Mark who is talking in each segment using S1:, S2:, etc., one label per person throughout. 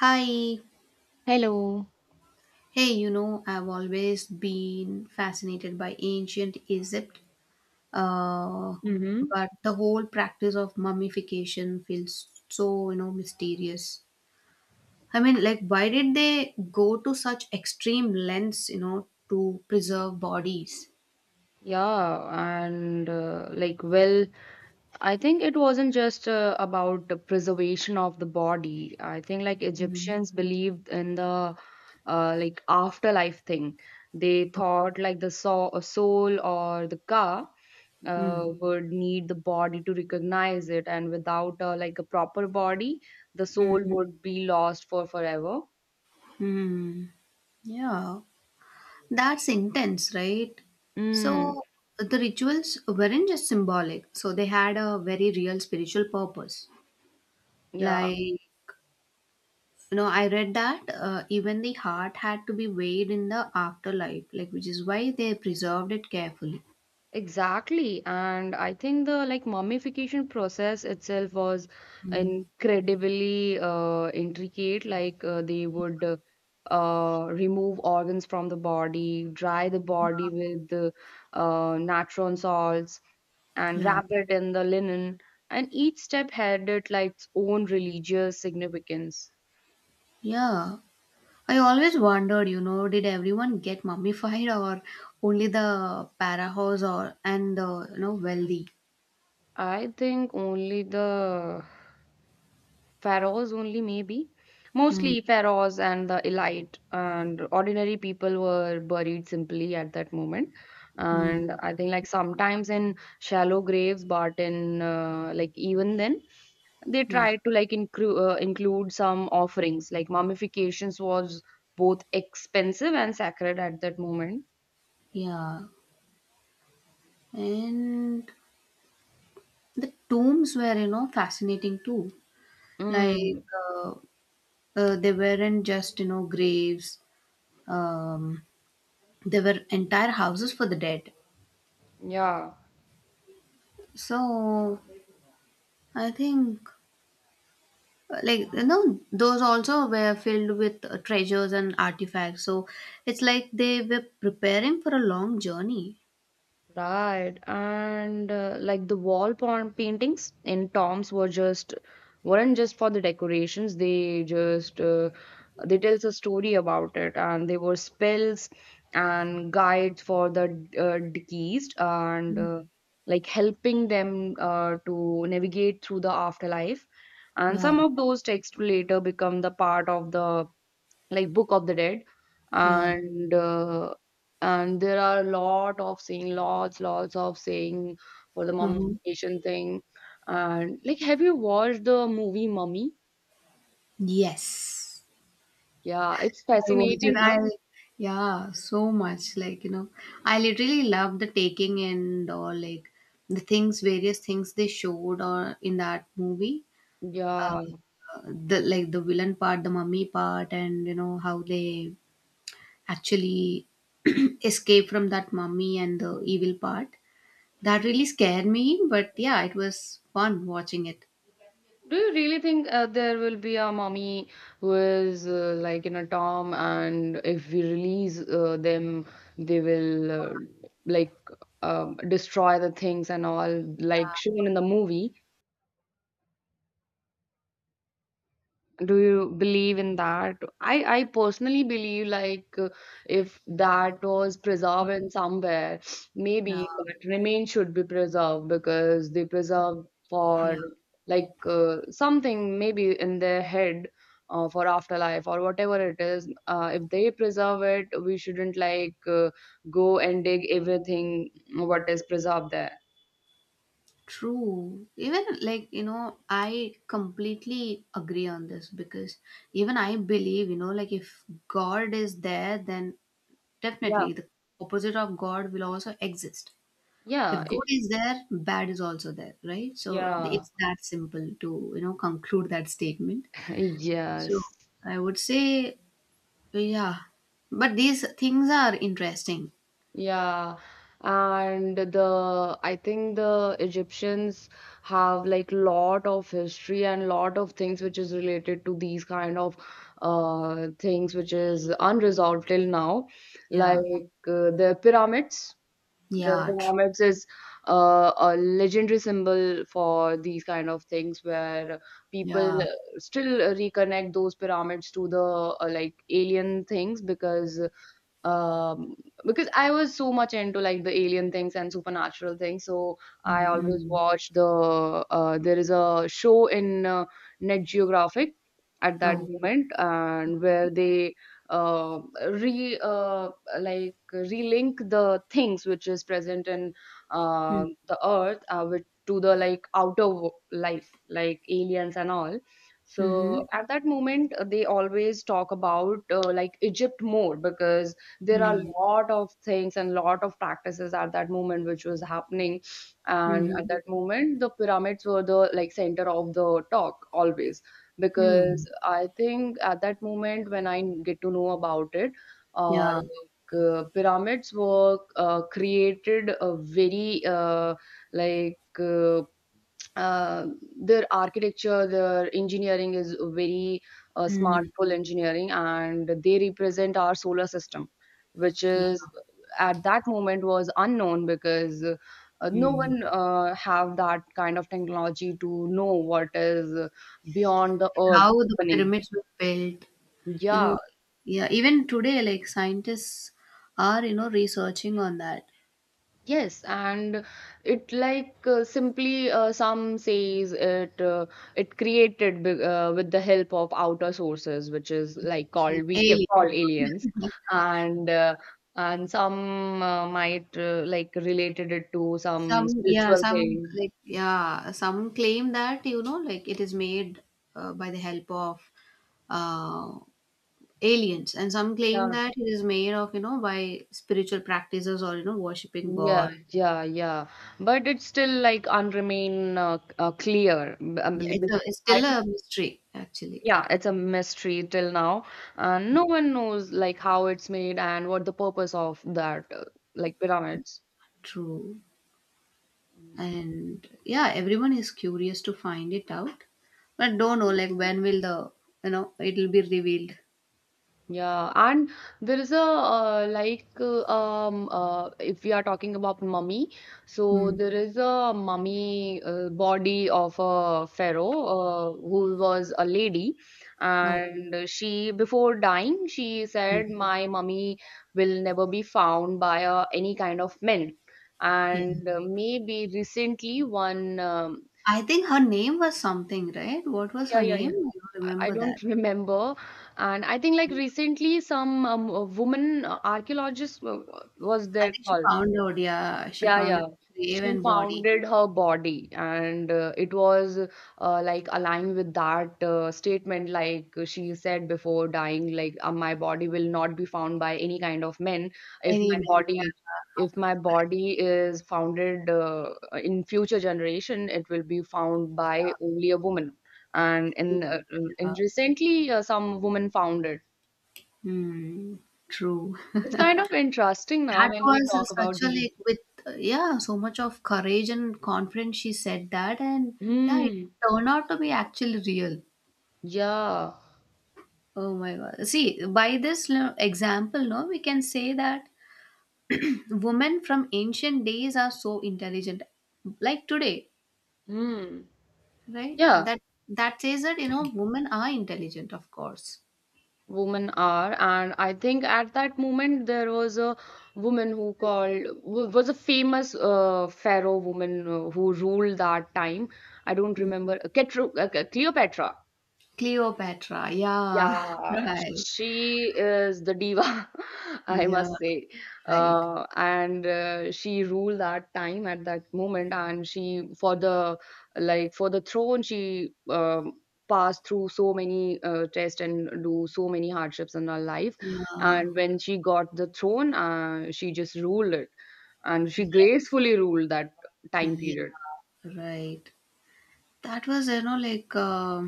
S1: Hi.
S2: Hello.
S1: Hey, I've always been fascinated by ancient Egypt, uh,
S2: Mm-hmm.
S1: but the whole practice of mummification feels so, mysterious. I mean, like, why did they go to such extreme lengths, to preserve bodies?
S2: Yeah, and like, well, I think it wasn't just about the preservation of the body. I think like
S1: Mhm.
S2: Egyptians believed in the like afterlife thing. They
S1: Oh,
S2: thought like the soul or the ka
S1: mm,
S2: would need the body to recognize it, and without like a proper body, the soul
S1: mm,
S2: would be lost for forever.
S1: mm. Yeah, that's intense, right?
S2: Mm.
S1: So the rituals weren't just symbolic, so they had a very real spiritual purpose.
S2: Yeah.
S1: Like, I read that even the heart had to be weighed in the afterlife, like, which is why they preserved it carefully.
S2: Exactly. And I think the like mummification process itself was
S1: Mm.
S2: incredibly intricate. Like they would remove organs from the body, dry the body with the natron salts, and
S1: Yeah.
S2: wrap it in the linen. And each step had it like its own religious significance.
S1: Yeah. I always wondered, did everyone get mummified or only the Parahos or and the, wealthy?
S2: I think only the pharaohs only maybe
S1: Mm,
S2: mostly pharaohs and the elite, and ordinary people were buried simply at that moment,
S1: mm,
S2: and I think like sometimes in shallow graves, but in like even then they
S1: yeah,
S2: tried to like include some offerings, like mummifications was both expensive and sacred at that moment.
S1: yeah. And the tombs were, fascinating too. Like,
S2: mm,
S1: uh, they weren't just, graves. Um, There were entire houses for the dead.
S2: yeah.
S1: So I think, like those also were filled with treasures and artifacts. So it's like they were preparing for a long journey.
S2: Right. And like the wall paintings in Tom's weren't just for the decorations. They tells a story about it, and they were spells and guides for the deceased, and
S1: Mm.
S2: like helping them to navigate through the afterlife. And
S1: Yeah,
S2: some of those texts later become the part of the like Book of the Dead,
S1: yeah.
S2: and and there are a lot of saying, lots of saying for the
S1: Mhm.
S2: mummification thing. And like, have you watched the movie Mummy?
S1: Yes,
S2: Yeah, it's
S1: I watched it.
S2: fascinating,
S1: I
S2: no?
S1: yeah, so much. Like I literally loved the taking and all like various things they showed or in that movie.
S2: Yeah.
S1: Um, uh, the villain part, the mummy part, and you know how they actually escape from that mummy and the evil part. That really scared me, but yeah, it was fun watching it.
S2: Do you really think there will be a mummy who is like in a tomb, and if we release them, they will like destroy the things and all, like shown in the movie? Do you believe in that? I personally believe like if that was preserved in somewhere,
S1: Yeah,
S2: maybe that remains should be preserved because they preserve for
S1: yeah,
S2: like something maybe in their head for afterlife or whatever it is. If they preserve it, we shouldn't like go and dig everything what is preserved there.
S1: true. Even like I completely agree on this because even I believe, like if God is there, then
S2: Yeah,
S1: definitely the opposite of God will also exist. If
S2: yeah,
S1: good is there, bad is also there, right? So
S2: yeah,
S1: it's that simple to, conclude that statement. So
S2: yes.
S1: I would say, yeah, but these things are interesting.
S2: Yeah, and the I think the Egyptians have like lot of history and lot of things which is related to these kind of things which is unresolved till now, like
S1: Yeah,
S2: the pyramids. The
S1: yeah, true.
S2: pyramids is a legendary symbol for these kind of things where people
S1: Yeah.
S2: still reconnect those pyramids to the like alien things, because um I was so much into like the alien things and supernatural things, so I always
S1: Mm-hmm.
S2: watched the there is a show in Net Geographic at that
S1: Oh.
S2: moment, and where they uh, re like relink the things which is present in
S1: Mm-hmm.
S2: the earth with to the like outer life like aliens and all.
S1: Mm-hmm.
S2: So at that moment they always talk about like Egypt more, because there are a lot of things and lot of practices at that moment which was happening, and
S1: Mm-hmm.
S2: at that moment the pyramids were the like center of the talk always.
S1: Mm.
S2: Because I think at that moment when I get to know about it,
S1: Yeah.
S2: pyramids were created a very like uh, uh, their architecture, their engineering is very smart,
S1: Mm.
S2: full engineering, and they represent our solar system, which
S1: Yeah.
S2: is at that moment was unknown, because no
S1: Mm.
S2: one have that kind of technology to know what is beyond the earth
S1: How the
S2: happening.
S1: pyramids were built, you
S2: Yeah,
S1: know, yeah, even today, like scientists are, researching on that,
S2: yes, and it like simply some says it created with the help of outer sources, which is like
S1: like
S2: called we
S1: aliens.
S2: call aliens, and and some might like related it to some
S1: Some, yeah,
S2: spiritual thing.
S1: yeah, some claim that, like it is made by the help of uh, aliens, and some claim
S2: Yeah,
S1: that it is made of, by spiritual practices or, worshipping God.
S2: yeah, yeah, yeah. But it's still like clear.
S1: Yeah, it's a, it's
S2: I
S1: still a
S2: don't.
S1: mystery, actually.
S2: Yeah, it's a mystery till now. No one knows like how it's made and what the purpose of that like pyramids.
S1: True.
S2: Mm.
S1: And yeah, everyone is curious to find it out, but don't know, like, when will it will be revealed.
S2: Yeah, and there is a if we are talking about mummy, so
S1: Hmm.
S2: there is a mummy body of a pharaoh who was a lady,
S1: Oh,
S2: and she before dying she said,
S1: hmm.
S2: "My mummy will never be found by any kind of men."
S1: Yeah.
S2: And maybe recently one
S1: I think her name was something, right? What was
S2: yeah,
S1: her
S2: yeah,
S1: name?
S2: yeah.
S1: I don't
S2: I
S1: remember that.
S2: don't remember. And I think like recently some woman archaeologist was
S1: I
S2: there
S1: think she
S2: called.
S1: found out, yeah, she
S2: Yeah,
S1: found a
S2: yeah.
S1: grave
S2: She
S1: and body.
S2: founded her body, and it was like aligned with that statement, like she said before dying, like my body will not be found by any kind of men. If
S1: Any
S2: my, mhm,
S1: man,
S2: body, if my body is founded in future generation, it will be found by only a woman. And in
S1: yeah.
S2: uh, in
S1: Yeah.
S2: recently, some women found it.
S1: Hmm, true.
S2: It's kind of interesting now
S1: That
S2: when we
S1: was
S2: talk
S1: such
S2: about
S1: a like
S2: these.
S1: with, yeah, so much of courage and confidence she said that, and yeah, it
S2: Hmm.
S1: turned out to be actually real.
S2: Yeah.
S1: Oh my God. See, by this example, no, we can say that women from ancient days are so intelligent. Like today,
S2: Hmm.
S1: right?
S2: Yeah,
S1: That says that women are intelligent, of course.
S2: women are, and I think at that moment there was a woman who was a famous pharaoh woman who ruled that time. I don't
S1: Mm.
S2: remember Cleopatra.
S1: Cleopatra, yeah,
S2: Yeah,
S1: right,
S2: she is the diva, I
S1: yeah,
S2: must say.
S1: right,
S2: And she ruled that time at that moment. And she, for the throne, she passed through so many tests and do so many hardships in her life.
S1: yeah,
S2: And when she got the throne, she just ruled it, and she
S1: yes,
S2: gracefully ruled that time
S1: yeah,
S2: period.
S1: right. That was like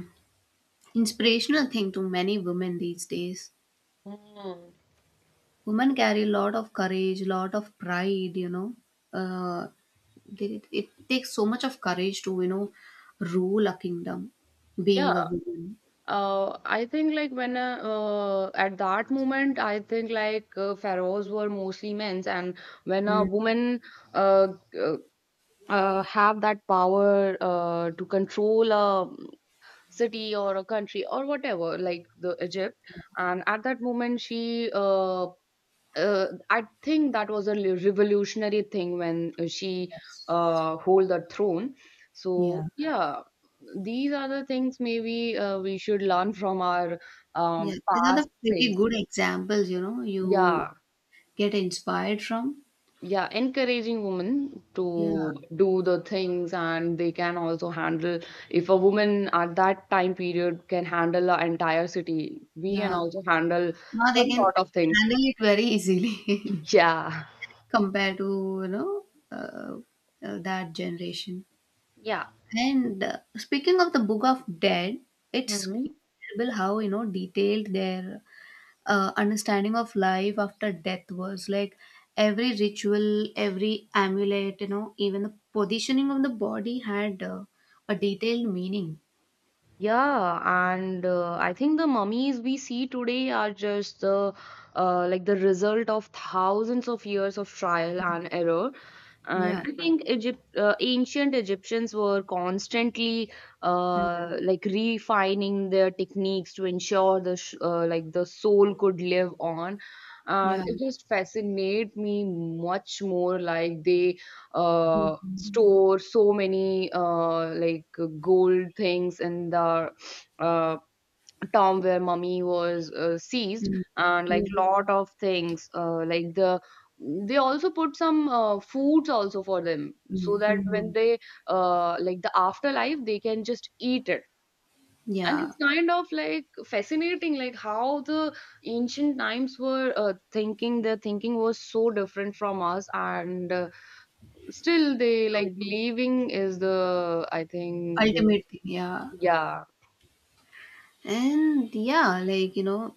S1: inspirational thing to many women these days.
S2: Mm.
S1: Women carry a lot of courage, lot of pride. Uh, it takes so much of courage to rule a kingdom, being a
S2: Yeah.
S1: woman.
S2: I think like when at that moment, I think like pharaohs were mostly men's, and when a
S1: Mm.
S2: woman uh, uh, have that power to control a city or a country or whatever, like the Egypt, and at that moment she I think that was a revolutionary thing when she
S1: Yes.
S2: hold the throne. So
S1: Yeah.
S2: yeah, these are the things maybe we should learn from our
S1: Yeah, these are
S2: past
S1: the pretty
S2: things.
S1: good examples, you
S2: Yeah,
S1: get inspired from.
S2: yeah, encouraging women
S1: Yeah,
S2: to do the things, and they can also handle. If a woman at that time period can handle an entire city, we can
S1: yeah.
S2: also handle
S1: Now they
S2: some
S1: can
S2: sort of things.
S1: handle it very easily
S2: Yeah,
S1: compared to, that generation. And speaking of the Book of Dead,
S2: yeah.
S1: it's incredible how, detailed their understanding of life after death was. Like every ritual, every amulet, even the positioning of the body had a detailed meaning.
S2: Yeah, and I think the mummies we see today are just the result of thousands of years of trial and error. And
S1: Yeah.
S2: I think ancient Egyptians were constantly
S1: Mm.
S2: like refining their techniques to ensure the sh like the soul could live on. And
S1: Yeah.
S2: it just fascinate me much more like they
S1: Mhm.
S2: store so many like gold things in the uh, town where mummy was seized,
S1: Mm.
S2: and like
S1: Yeah.
S2: lot of things like they also put some foods also for them, so
S1: Mhm.
S2: that when
S1: Mhm.
S2: they like the afterlife they can just eat it. And
S1: Yeah.
S2: it's kind of like fascinating like how the ancient times were thinking, their thinking was so different from us. And still, they
S1: True.
S2: like believing is the, I think, the,
S1: Ultimate thing. Yeah.
S2: yeah,
S1: And yeah, like, you know,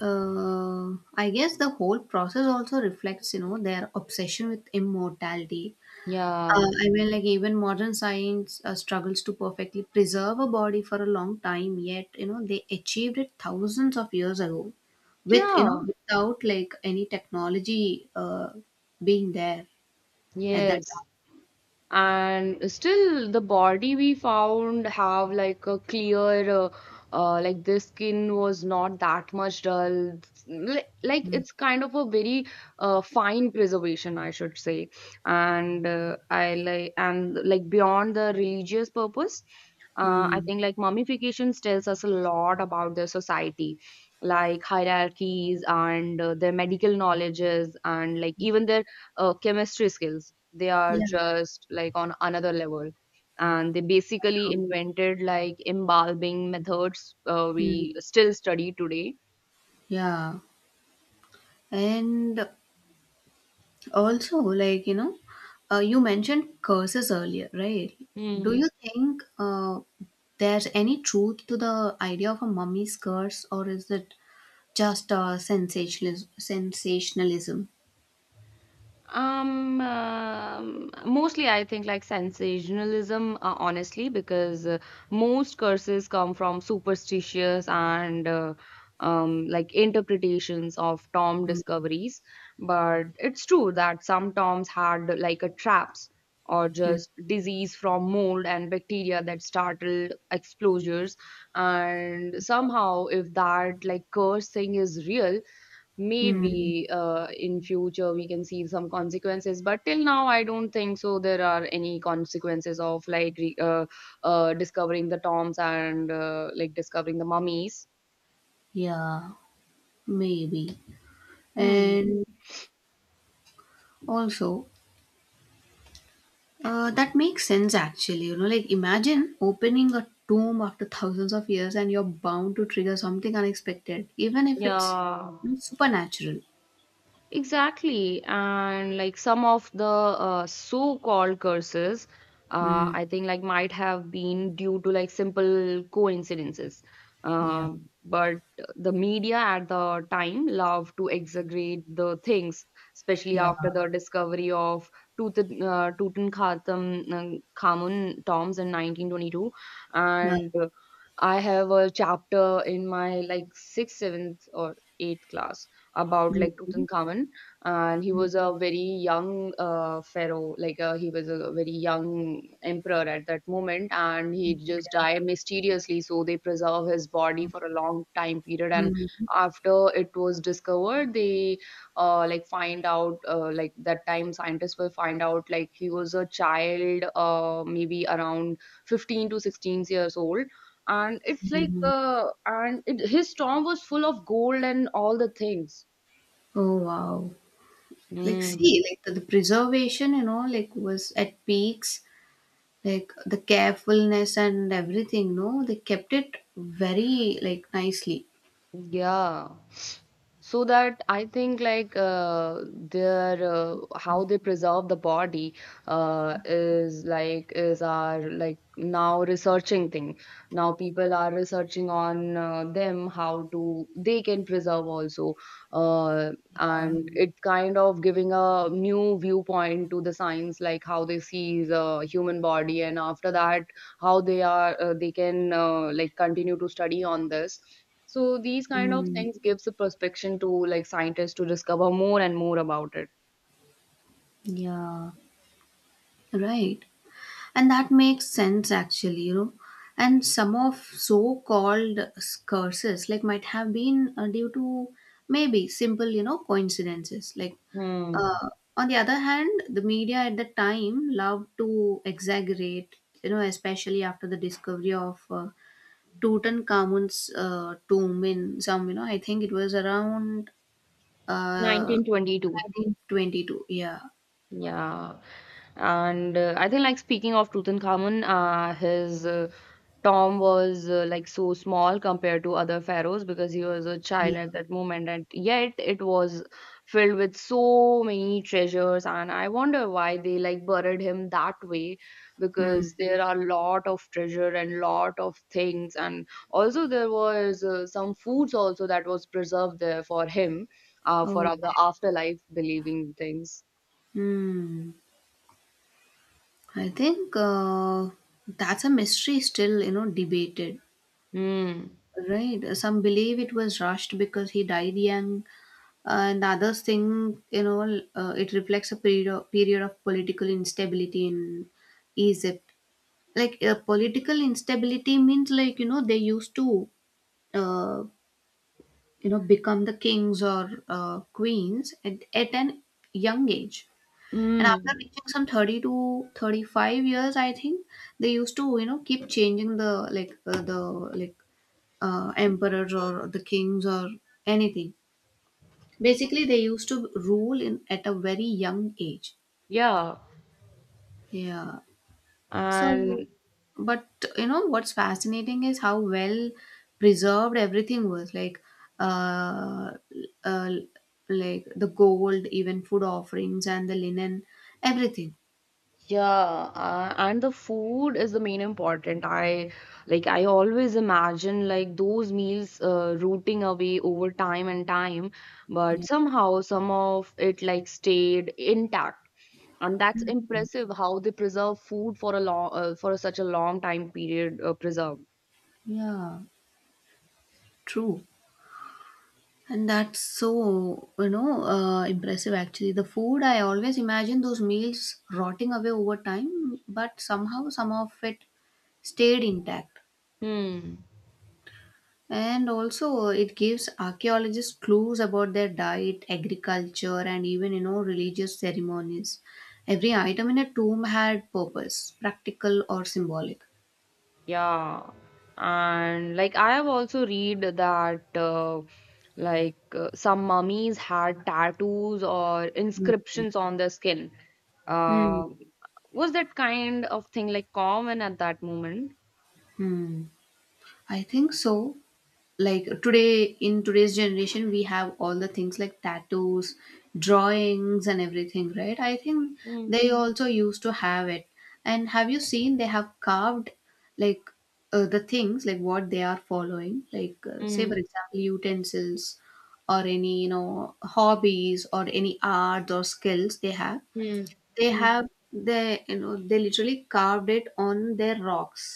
S1: uh, I guess the whole process also reflects, their obsession with immortality.
S2: yeah,
S1: I mean, like, even modern science struggles to perfectly preserve a body for a long time, yet, they achieved it thousands of years ago with,
S2: yeah,
S1: without like any technology being there at that
S2: yes.
S1: time.
S2: And still the body we found have like a clear like the skin was not that much dull. Like
S1: Mm,
S2: it's kind of a very fine preservation, I should say. And I like and like beyond the religious purpose, I
S1: mm.
S2: think like mummifications tells us a lot about the society, like hierarchies and their medical knowledges, and like even their chemistry skills. They are
S1: Yeah,
S2: just like on another level, and they basically
S1: true.
S2: invented like embalming methods
S1: Mm,
S2: we still study today.
S1: yeah. And also, like, you mentioned curses earlier, right? Do you think there's any truth to the idea of a mummy's curse, or is it just sensationalism?
S2: Mostly I think like sensationalism, honestly, because most curses come from superstitious and like interpretations of Tom
S1: Mm,
S2: discoveries. But it's true that some Toms had like a traps or
S1: mm,
S2: just disease from mold and bacteria that startled exposures. And somehow, if that like curse thing is real,
S1: mm.
S2: maybe in future we can see some consequences, but till now I don't think so there are any consequences of like discovering the tombs and like discovering the mummies.
S1: Yeah, maybe.
S2: Hmm.
S1: And also, that makes sense, actually. Like imagine opening a tomb after thousands of years and you're bound to trigger something unexpected, even if it's,
S2: Yeah.
S1: supernatural.
S2: Exactly. And like some of the so-called curses,
S1: Mm,
S2: I think like might have been due to like simple coincidences.
S1: yeah,
S2: But the media at the time loved to exaggerate the things, especially
S1: yeah.
S2: after the discovery of Tut Tutankhamun Khamun tombs in 1922.
S1: Uh,
S2: And I have a chapter in my like sixth, seventh, or eighth class about
S1: mm,
S2: like
S1: mm,
S2: Tutankhamun, and he was a very young pharaoh, like he was a very young emperor at that moment, and he just died mysteriously. So they preserve his body for a long time period, and
S1: mm,
S2: after it was discovered, they like find out like that time scientists will find out like he was a child, maybe around 15 to 16 years old, and it's
S1: mm,
S2: like
S1: mm.
S2: uh, and it, his tomb was full of gold and all the things.
S1: Oh, wow. Like,
S2: Mm,
S1: see, like the preservation, like was at peaks, like the carefulness and everything, no, they kept it very, like, nicely.
S2: yeah. So that I think like their how they preserve the body is like is our like now researching thing. Now people are researching on them how to they can preserve also, uh,
S1: Uh,
S2: and it kind of giving a new viewpoint to the science like how they see the human body, and after that how they are they can like continue to study on this. So these kind of
S1: mm,
S2: things gives a perspective to like scientists to discover more and more about it.
S1: yeah, right. And that makes sense, actually, and some of so-called curses like might have been due to maybe simple, coincidences, like,
S2: Hmm.
S1: uh, on the other hand, the media at the time loved to exaggerate, especially after the discovery of Tutankhamun's tomb in some, I think it was around uh,
S2: 1922.
S1: 1922. Yeah,
S2: Yeah. And I think, like, speaking of Tutankhamun, his tomb was like so small compared to other pharaohs because he was a
S1: yeah.
S2: child at that moment, and yet it was filled with so many treasures. And I wonder why they like buried him that way,
S1: Hmm.
S2: because there are a lot of treasure and lot of things, and also there was some foods also that was preserved there for him, for the
S1: Okay.
S2: afterlife believing things.
S1: Hmm. I think that's a mystery still, debated,
S2: Mm.
S1: right? Some believe it was rushed because he died young, and others think, it reflects a period of political instability in Egypt. Like political instability means, like they used to, uh, become the kings or queens at an young age. And after
S2: Mm.
S1: reaching some 30 to 35 years, I think they used to, keep changing the like, like emperors or the kings or anything. Basically, they used to rule in at a very young age.
S2: Yeah,
S1: Yeah. So,
S2: and
S1: but you know what's fascinating is how well preserved everything was. Uh, uh, like the gold, even food offerings and the linen, everything.
S2: yeah, and the food is the main important. I always imagine like those meals rooting away over time and time, but
S1: Yeah.
S2: somehow some of it like stayed intact. And that's impressive how they preserve food for a long for such a long time period preserved.
S1: Yeah. True. And that's so, impressive, actually. The food, I always imagine those meals rotting away over time, but somehow some of it stayed intact.
S2: Hmm.
S1: And also, it gives archaeologists clues about their diet, agriculture, and even, religious ceremonies. Every item in a tomb had purpose, practical or symbolic.
S2: Yeah, and like I have also read that some mummies had tattoos or inscriptions on their skin.
S1: Hmm.
S2: Uh, was that kind of thing like common at that moment?
S1: Hmm. I think so. Like today, in today's generation, we have all the things like tattoos, drawings, and everything, right? I think
S2: Mm,
S1: they also used to have it. And have you seen they have carved like, the things like what they are following, like, say
S2: mm,
S1: for example utensils, or any, hobbies or any arts or skills they have.
S2: mm,
S1: they
S2: mm,
S1: have they you know they literally carved it on their rocks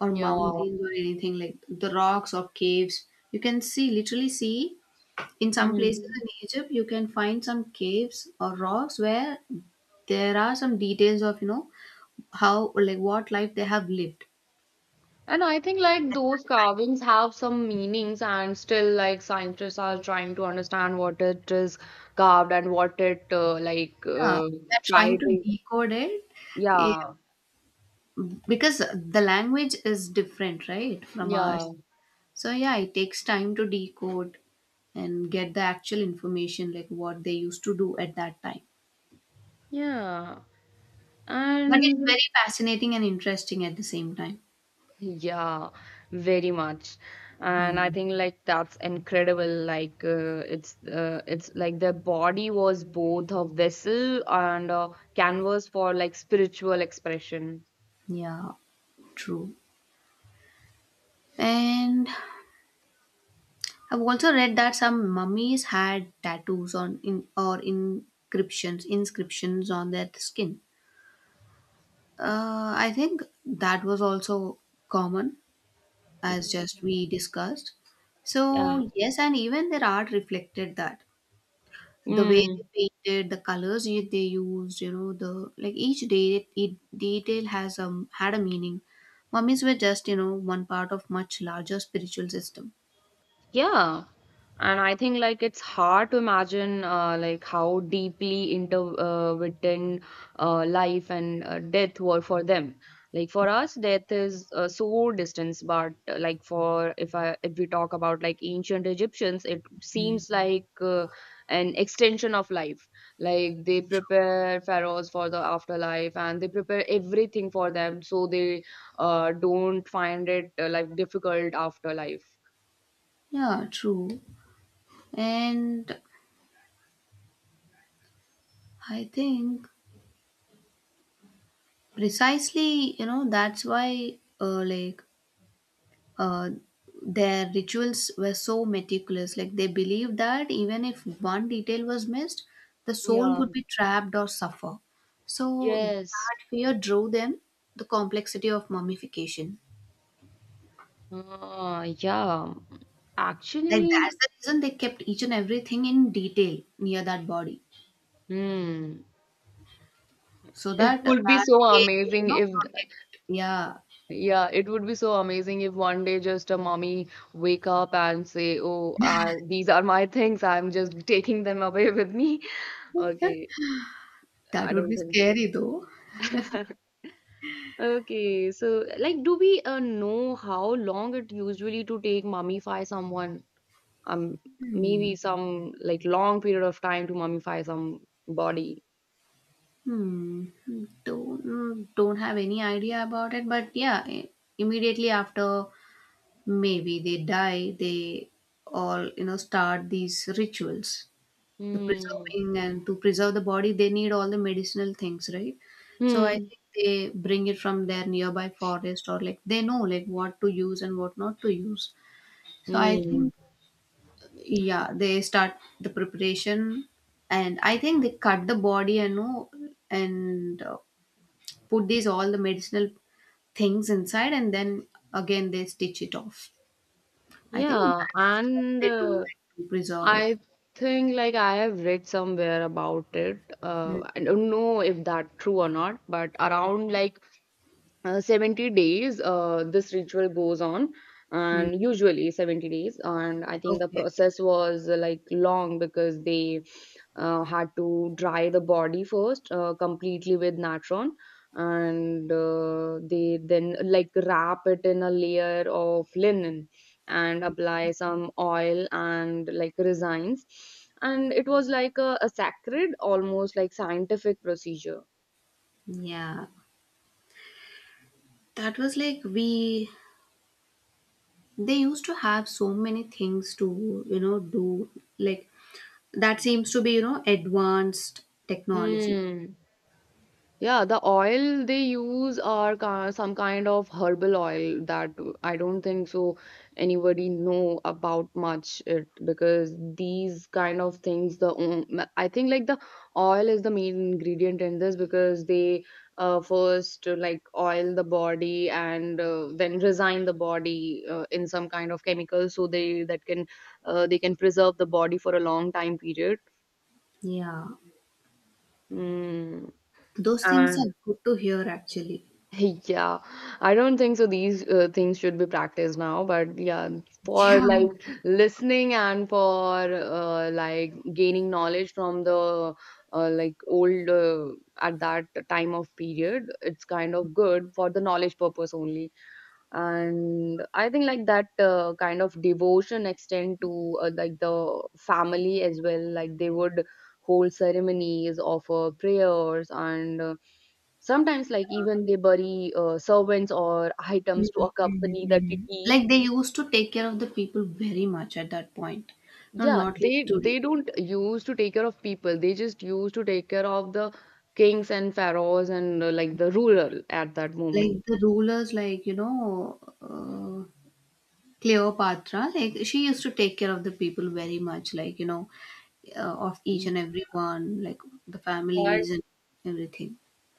S1: or
S2: Yeah.
S1: mountains or anything like the rocks or caves. You can see, literally see, in some places in
S2: mm.
S1: Egypt, you can find some caves or rocks where there are some details of, how, like, what life they have lived.
S2: And I think like those carvings have some meanings, and still like scientists are trying to understand what it is carved and what it
S1: Yeah, they're
S2: tried
S1: trying to
S2: to.
S1: decode it eh,
S2: Yeah,
S1: because the language is different, right, from
S2: yeah.
S1: ours. So, yeah, it takes time to decode and get the actual information, like what they used to do at that time.
S2: Yeah,
S1: But it's
S2: and
S1: very fascinating and interesting at the same time.
S2: yeah, very much. And I
S1: Mm,
S2: think like that's incredible. Like it's like their body was both a vessel and a canvas for like spiritual expression.
S1: yeah, true. And I've also read that some mummies had tattoos on in or inscriptions on their skin. I think that was also common, as just we discussed.
S2: Yeah.
S1: So yes, and even their art reflected that the way they painted, the colors they used, the like each day it detail has had a meaning. Mummies were just, one part of much larger spiritual system.
S2: Yeah. And I think like it's hard to imagine like how deeply interwoven life and death were for them. Like for us, death is so distant, but like for if I if we talk about like ancient Egyptians, it seems like an extension of life. Like they prepare pharaohs for the afterlife, and they prepare everything for them, so they don't find it like difficult afterlife.
S1: Yeah, true. And I think precisely, that's why like uh, their rituals were so meticulous. Like they believed that even if one detail was missed, the soul
S2: Yeah.
S1: could be trapped or suffer. So
S2: Yes.
S1: that fear drove them the complexity of mummification.
S2: Yeah.
S1: Like
S2: Actually,
S1: that's the reason they kept each and everything in detail near that body.
S2: hmm.
S1: So
S2: It
S1: that
S2: would be
S1: that
S2: so
S1: they could,
S2: amazing if,
S1: protect, yeah.
S2: yeah, it would be so amazing if one day just a mommy wake up and say, "Oh, these are my things. I'm just taking them away with me."
S1: Yeah,
S2: Okay,
S1: that
S2: I
S1: would
S2: don't
S1: be
S2: think.
S1: scary though.
S2: Okay, so like, do we know how long it usually to take mummify someone? Um,
S1: Hmm.
S2: Maybe some like long period of time to mummify some body.
S1: Hmm. Hmm. Don't have any idea about it, but yeah, immediately after maybe they die, they all, start these rituals. The
S2: Hmm.
S1: preserving and to preserve the body, they need all the medicinal things, right? So I
S2: Hmm.
S1: think they bring it from their nearby forest, or like they know like what to use and what not to use. So I
S2: Mm.
S1: think, yeah, they start the preparation. And I think they cut the body and know and put these all the medicinal things inside, and then again they stitch it off. I think
S2: Yeah,
S1: that's how
S2: and
S1: they do it to preserve it.
S2: I think like I have read somewhere about it.
S1: Mm,
S2: I don't know if that true or not, but around
S1: okay.
S2: like 70 days this ritual goes on,
S1: Mm,
S2: and usually 70 days. And I think the
S1: okay,
S2: process was like long because they had to dry the body first completely with natron, and they then like wrap it in a layer of linen and apply some oil and like resins. And it was like a sacred almost like scientific procedure.
S1: yeah, that was like we they used to have so many things to, do, like that seems to be, advanced technology,
S2: Hmm. Yeah, the oil they use are ki- some kind of herbal oil that I don't think so anybody know about much it, because these kind of things the on- I think like the oil is the main ingredient in this, because they first like oil the body, and then resign the body in some kind of chemical so they that can they can preserve the body for a long time period.
S1: yeah.
S2: Mm.
S1: Those things
S2: And
S1: are good to hear, actually.
S2: yeah, I don't think so. These things should be practiced now, but yeah, for
S1: Yeah.
S2: like listening and for like gaining knowledge from the like old at that time of period, it's kind of good for the knowledge purpose only. And I think like that kind of devotion extend to like the family as well, like they would hold ceremonies, offer prayers, and sometimes like even they bury servants or items to
S1: Mhm, mhm,
S2: accompany the
S1: mhm.
S2: deceased.
S1: Like they used to take care of the people very much at that point. No,
S2: Yeah,
S1: not like today.
S2: they don't use to take care of people, they just use to take care of the kings and pharaohs and like the ruler at that
S1: Like
S2: moment.
S1: the rulers, like, Cleopatra, like she used to take care of the people very much, like, of each and every one, like the
S2: But
S1: families and everything.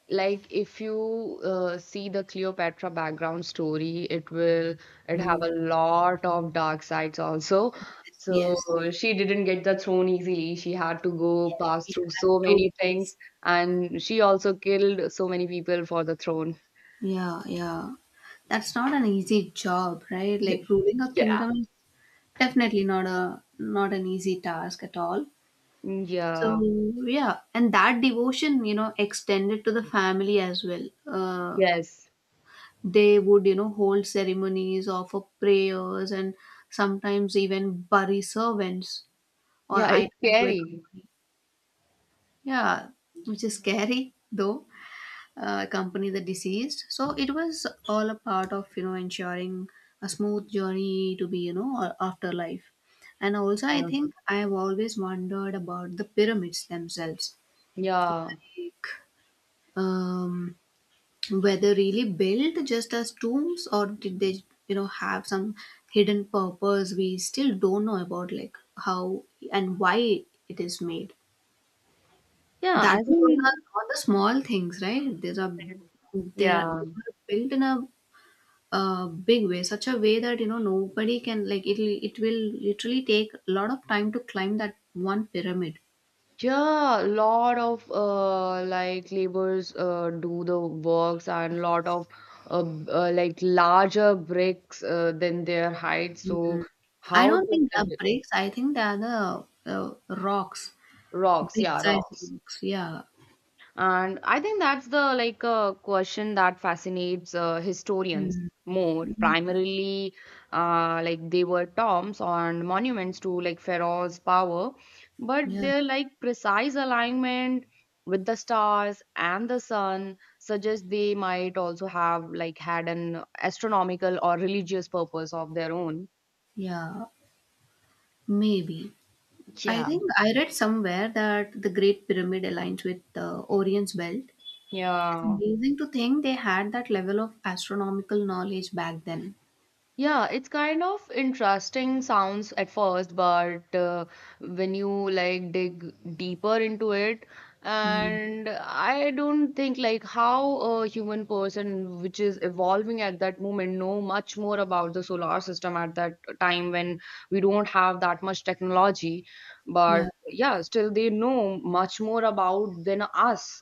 S2: like if you see the Cleopatra background story, it will it have
S1: Mm,
S2: a lot of dark sides also.
S1: yes,
S2: So
S1: yes.
S2: she didn't get the throne easily. She had to go pass
S1: We
S2: through
S1: had
S2: so
S1: to.
S2: many
S1: Yes.
S2: things, and she also killed so many people for the throne.
S1: Yeah, yeah. That's not an easy job, right? Like ruling a
S2: Yeah.
S1: kingdom. Definitely not a not an easy task at all. So
S2: Yeah.
S1: yeah, and that devotion, extended to the family as well. Uh,
S2: Yes.
S1: they would, hold ceremonies, offer prayers, and sometimes even bury servants or
S2: Yeah,
S1: items
S2: it's
S1: to a
S2: scary.
S1: company. Yeah, which is scary though. Accompany the deceased. So it was all a part of, ensuring a smooth journey to be, afterlife. And also, I
S2: Yeah.
S1: think I have always wondered about the pyramids themselves,
S2: Yeah.
S1: like um, whether really built just as tombs or did they, have some hidden purpose we still don't know about, like how and why it is made.
S2: Yeah, I
S1: That was all the
S2: think
S1: all the small things, right? There are
S2: yeah.
S1: they were built in a big way, such a way that, nobody can like it will literally take a lot of time to climb that one pyramid.
S2: Yeah, a lot of like laborers do the works, and lot of like larger bricks than their height. So
S1: Mhm. I
S2: how
S1: don't think
S2: do
S1: they are
S2: the
S1: bricks. I think they are the, uh, rocks,
S2: rocks?
S1: big
S2: Yeah,
S1: size
S2: rocks.
S1: rocks, yeah.
S2: And I think that's the like question that fascinates historians
S1: Mm.
S2: more.
S1: Yeah,
S2: Primarily, like they were tombs and monuments to like Pharaoh's power, but
S1: yeah,
S2: their like precise alignment with the stars and the sun suggests they might also have like had an astronomical or religious purpose of their own.
S1: yeah, maybe. I
S2: Yeah.
S1: think I read somewhere that the great pyramid aligns with the Orion's belt. It's
S2: Yeah.
S1: amazing to think they had that level of astronomical knowledge back then.
S2: Yeah, it's kind of interesting sounds at first, but when you like dig deeper into it,
S1: Mm.
S2: and I don't think like how a human person which is evolving at that moment know much more about the solar system at that time when we don't have that much technology, but
S1: Yeah,
S2: yeah, still they know much more about than us.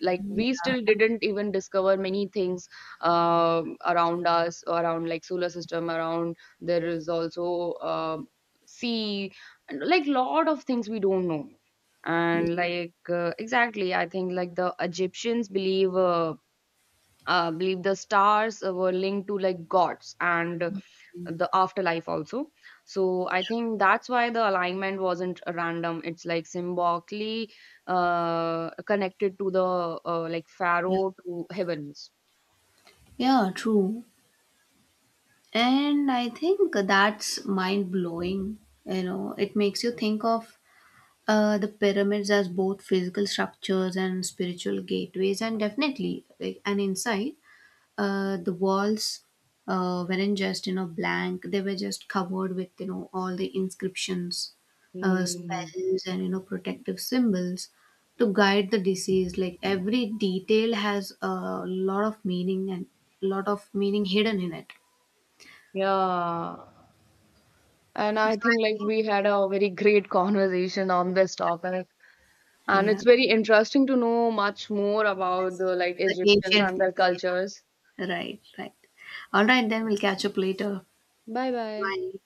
S2: Like
S1: yeah,
S2: we still didn't even discover many things around us, around like solar system, around there is also sea, and like lot of things we don't know. And like exactly, I think like the Egyptians believe believe the stars were linked to like gods and the afterlife also. So I think that's why the alignment wasn't random, it's like symbolically connected to the like
S1: yeah.
S2: pharaoh to heavens.
S1: Yeah, true. And I think that's mind blowing. It makes you think of, the pyramids as both physical structures and spiritual gateways, and definitely like, an insight. The walls, weren't just, blank; they were just covered with, all the inscriptions,
S2: Hmm.
S1: spells, and, protective symbols to guide the disease. Like every detail has a lot of meaning and lot of meaning hidden in it.
S2: Yeah, and
S1: So
S2: I
S1: I
S2: think like
S1: think,
S2: we had a very great conversation on this topic, and
S1: yeah,
S2: it's very interesting to know much more about
S1: yes,
S2: the like
S1: the
S2: Egyptians
S1: ancient
S2: and
S1: things.
S2: their cultures.
S1: Yeah, right, right. All right, then we'll catch up later.
S2: Bye bye.
S1: Bye.